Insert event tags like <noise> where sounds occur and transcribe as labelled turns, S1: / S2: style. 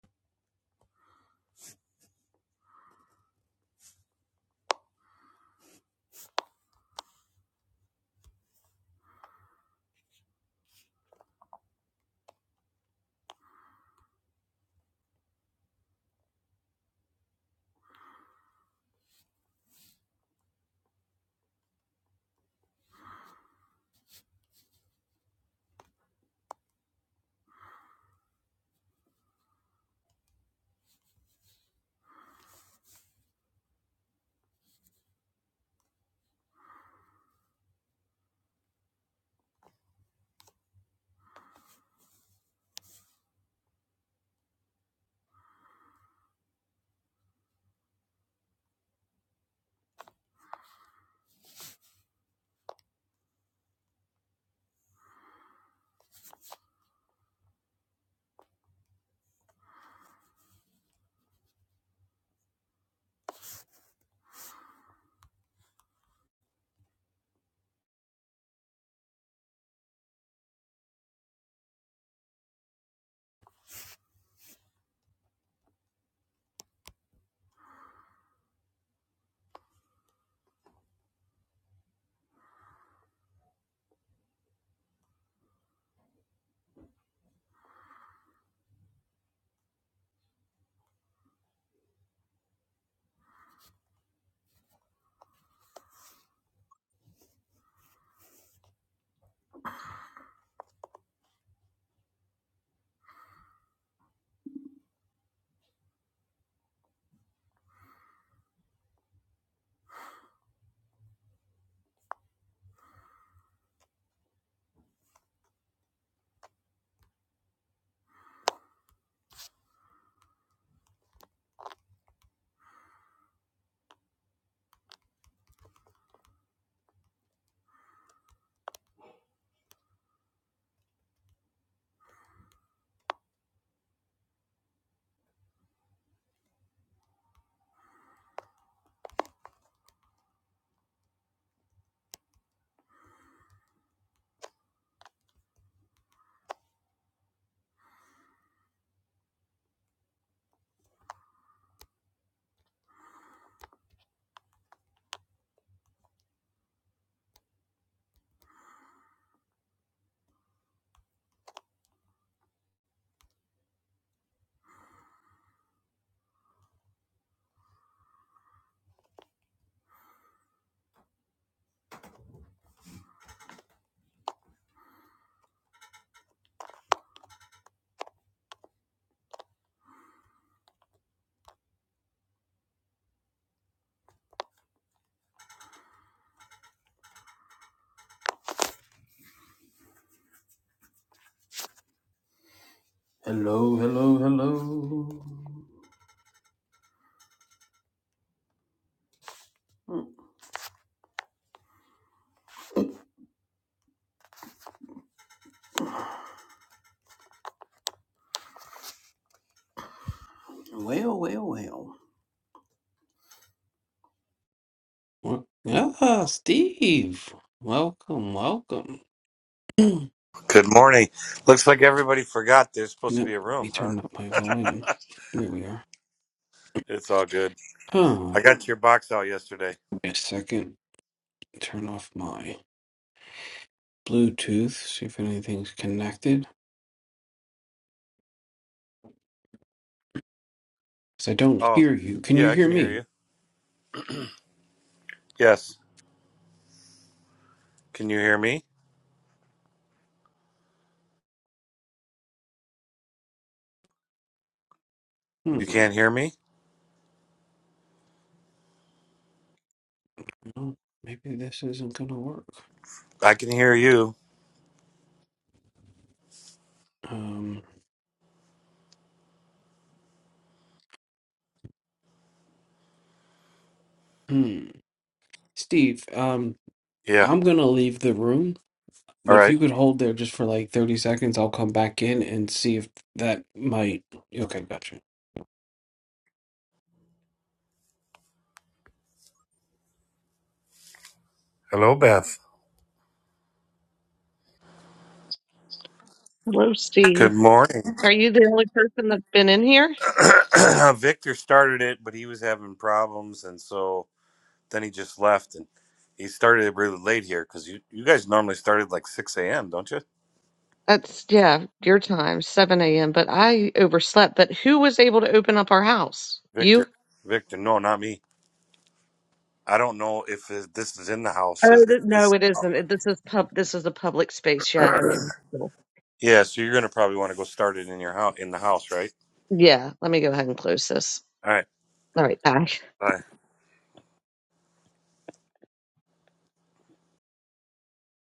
S1: Hello, hello, hello. Well, well, well. Well, Ah, Steve. Welcome, welcome. <clears throat>
S2: Good morning. Looks like everybody forgot there's supposed to
S1: Let
S2: be a
S1: me
S2: room, huh?
S1: turn up my volume. Here we are.
S2: It's all good.
S1: Huh.
S2: I got your box out yesterday.
S1: Wait a second. Turn off my Bluetooth, see if anything's connected. Because I don't
S2: Oh,
S1: hear you. Can you
S2: yeah, I
S1: hear
S2: can hear
S1: me?
S2: you. Yes. Can you hear me? You
S1: Hmm.
S2: can't hear me?
S1: Well, maybe this isn't going to work.
S2: I can hear you.
S1: Um, hmm. Steve, um,
S2: Yeah.
S1: I'm going to leave the room. But
S2: All
S1: if
S2: right.
S1: you could hold there just for like 30 seconds, I'll come back in and see if that might. Okay, gotcha.
S2: Hello, Beth.
S3: Hello, Steve.
S2: Good morning.
S3: Are you the only person that's been in here?
S2: <clears throat> Victor started it, but he was having problems. And so then he just left and he started it really late here because you, you guys normally started like 6 a.m., don't you?
S3: That's, yeah, your time, 7 a.m., but I overslept. But who was able to open up our house?
S2: Victor.
S3: You?
S2: Victor. No, not me. I don't know if it, this is in the house. Is
S3: Oh,
S2: it
S3: th- no,
S2: this?
S3: it isn't. It- This is pub. This is a public space. Yeah. Okay.
S2: <clears throat>
S3: Cool.
S2: yeah, so you're gonna probably want to go start it in your house in the house, right?
S3: Yeah. Let me go ahead and close this.
S2: All right.
S3: All right. Bye.
S2: Bye.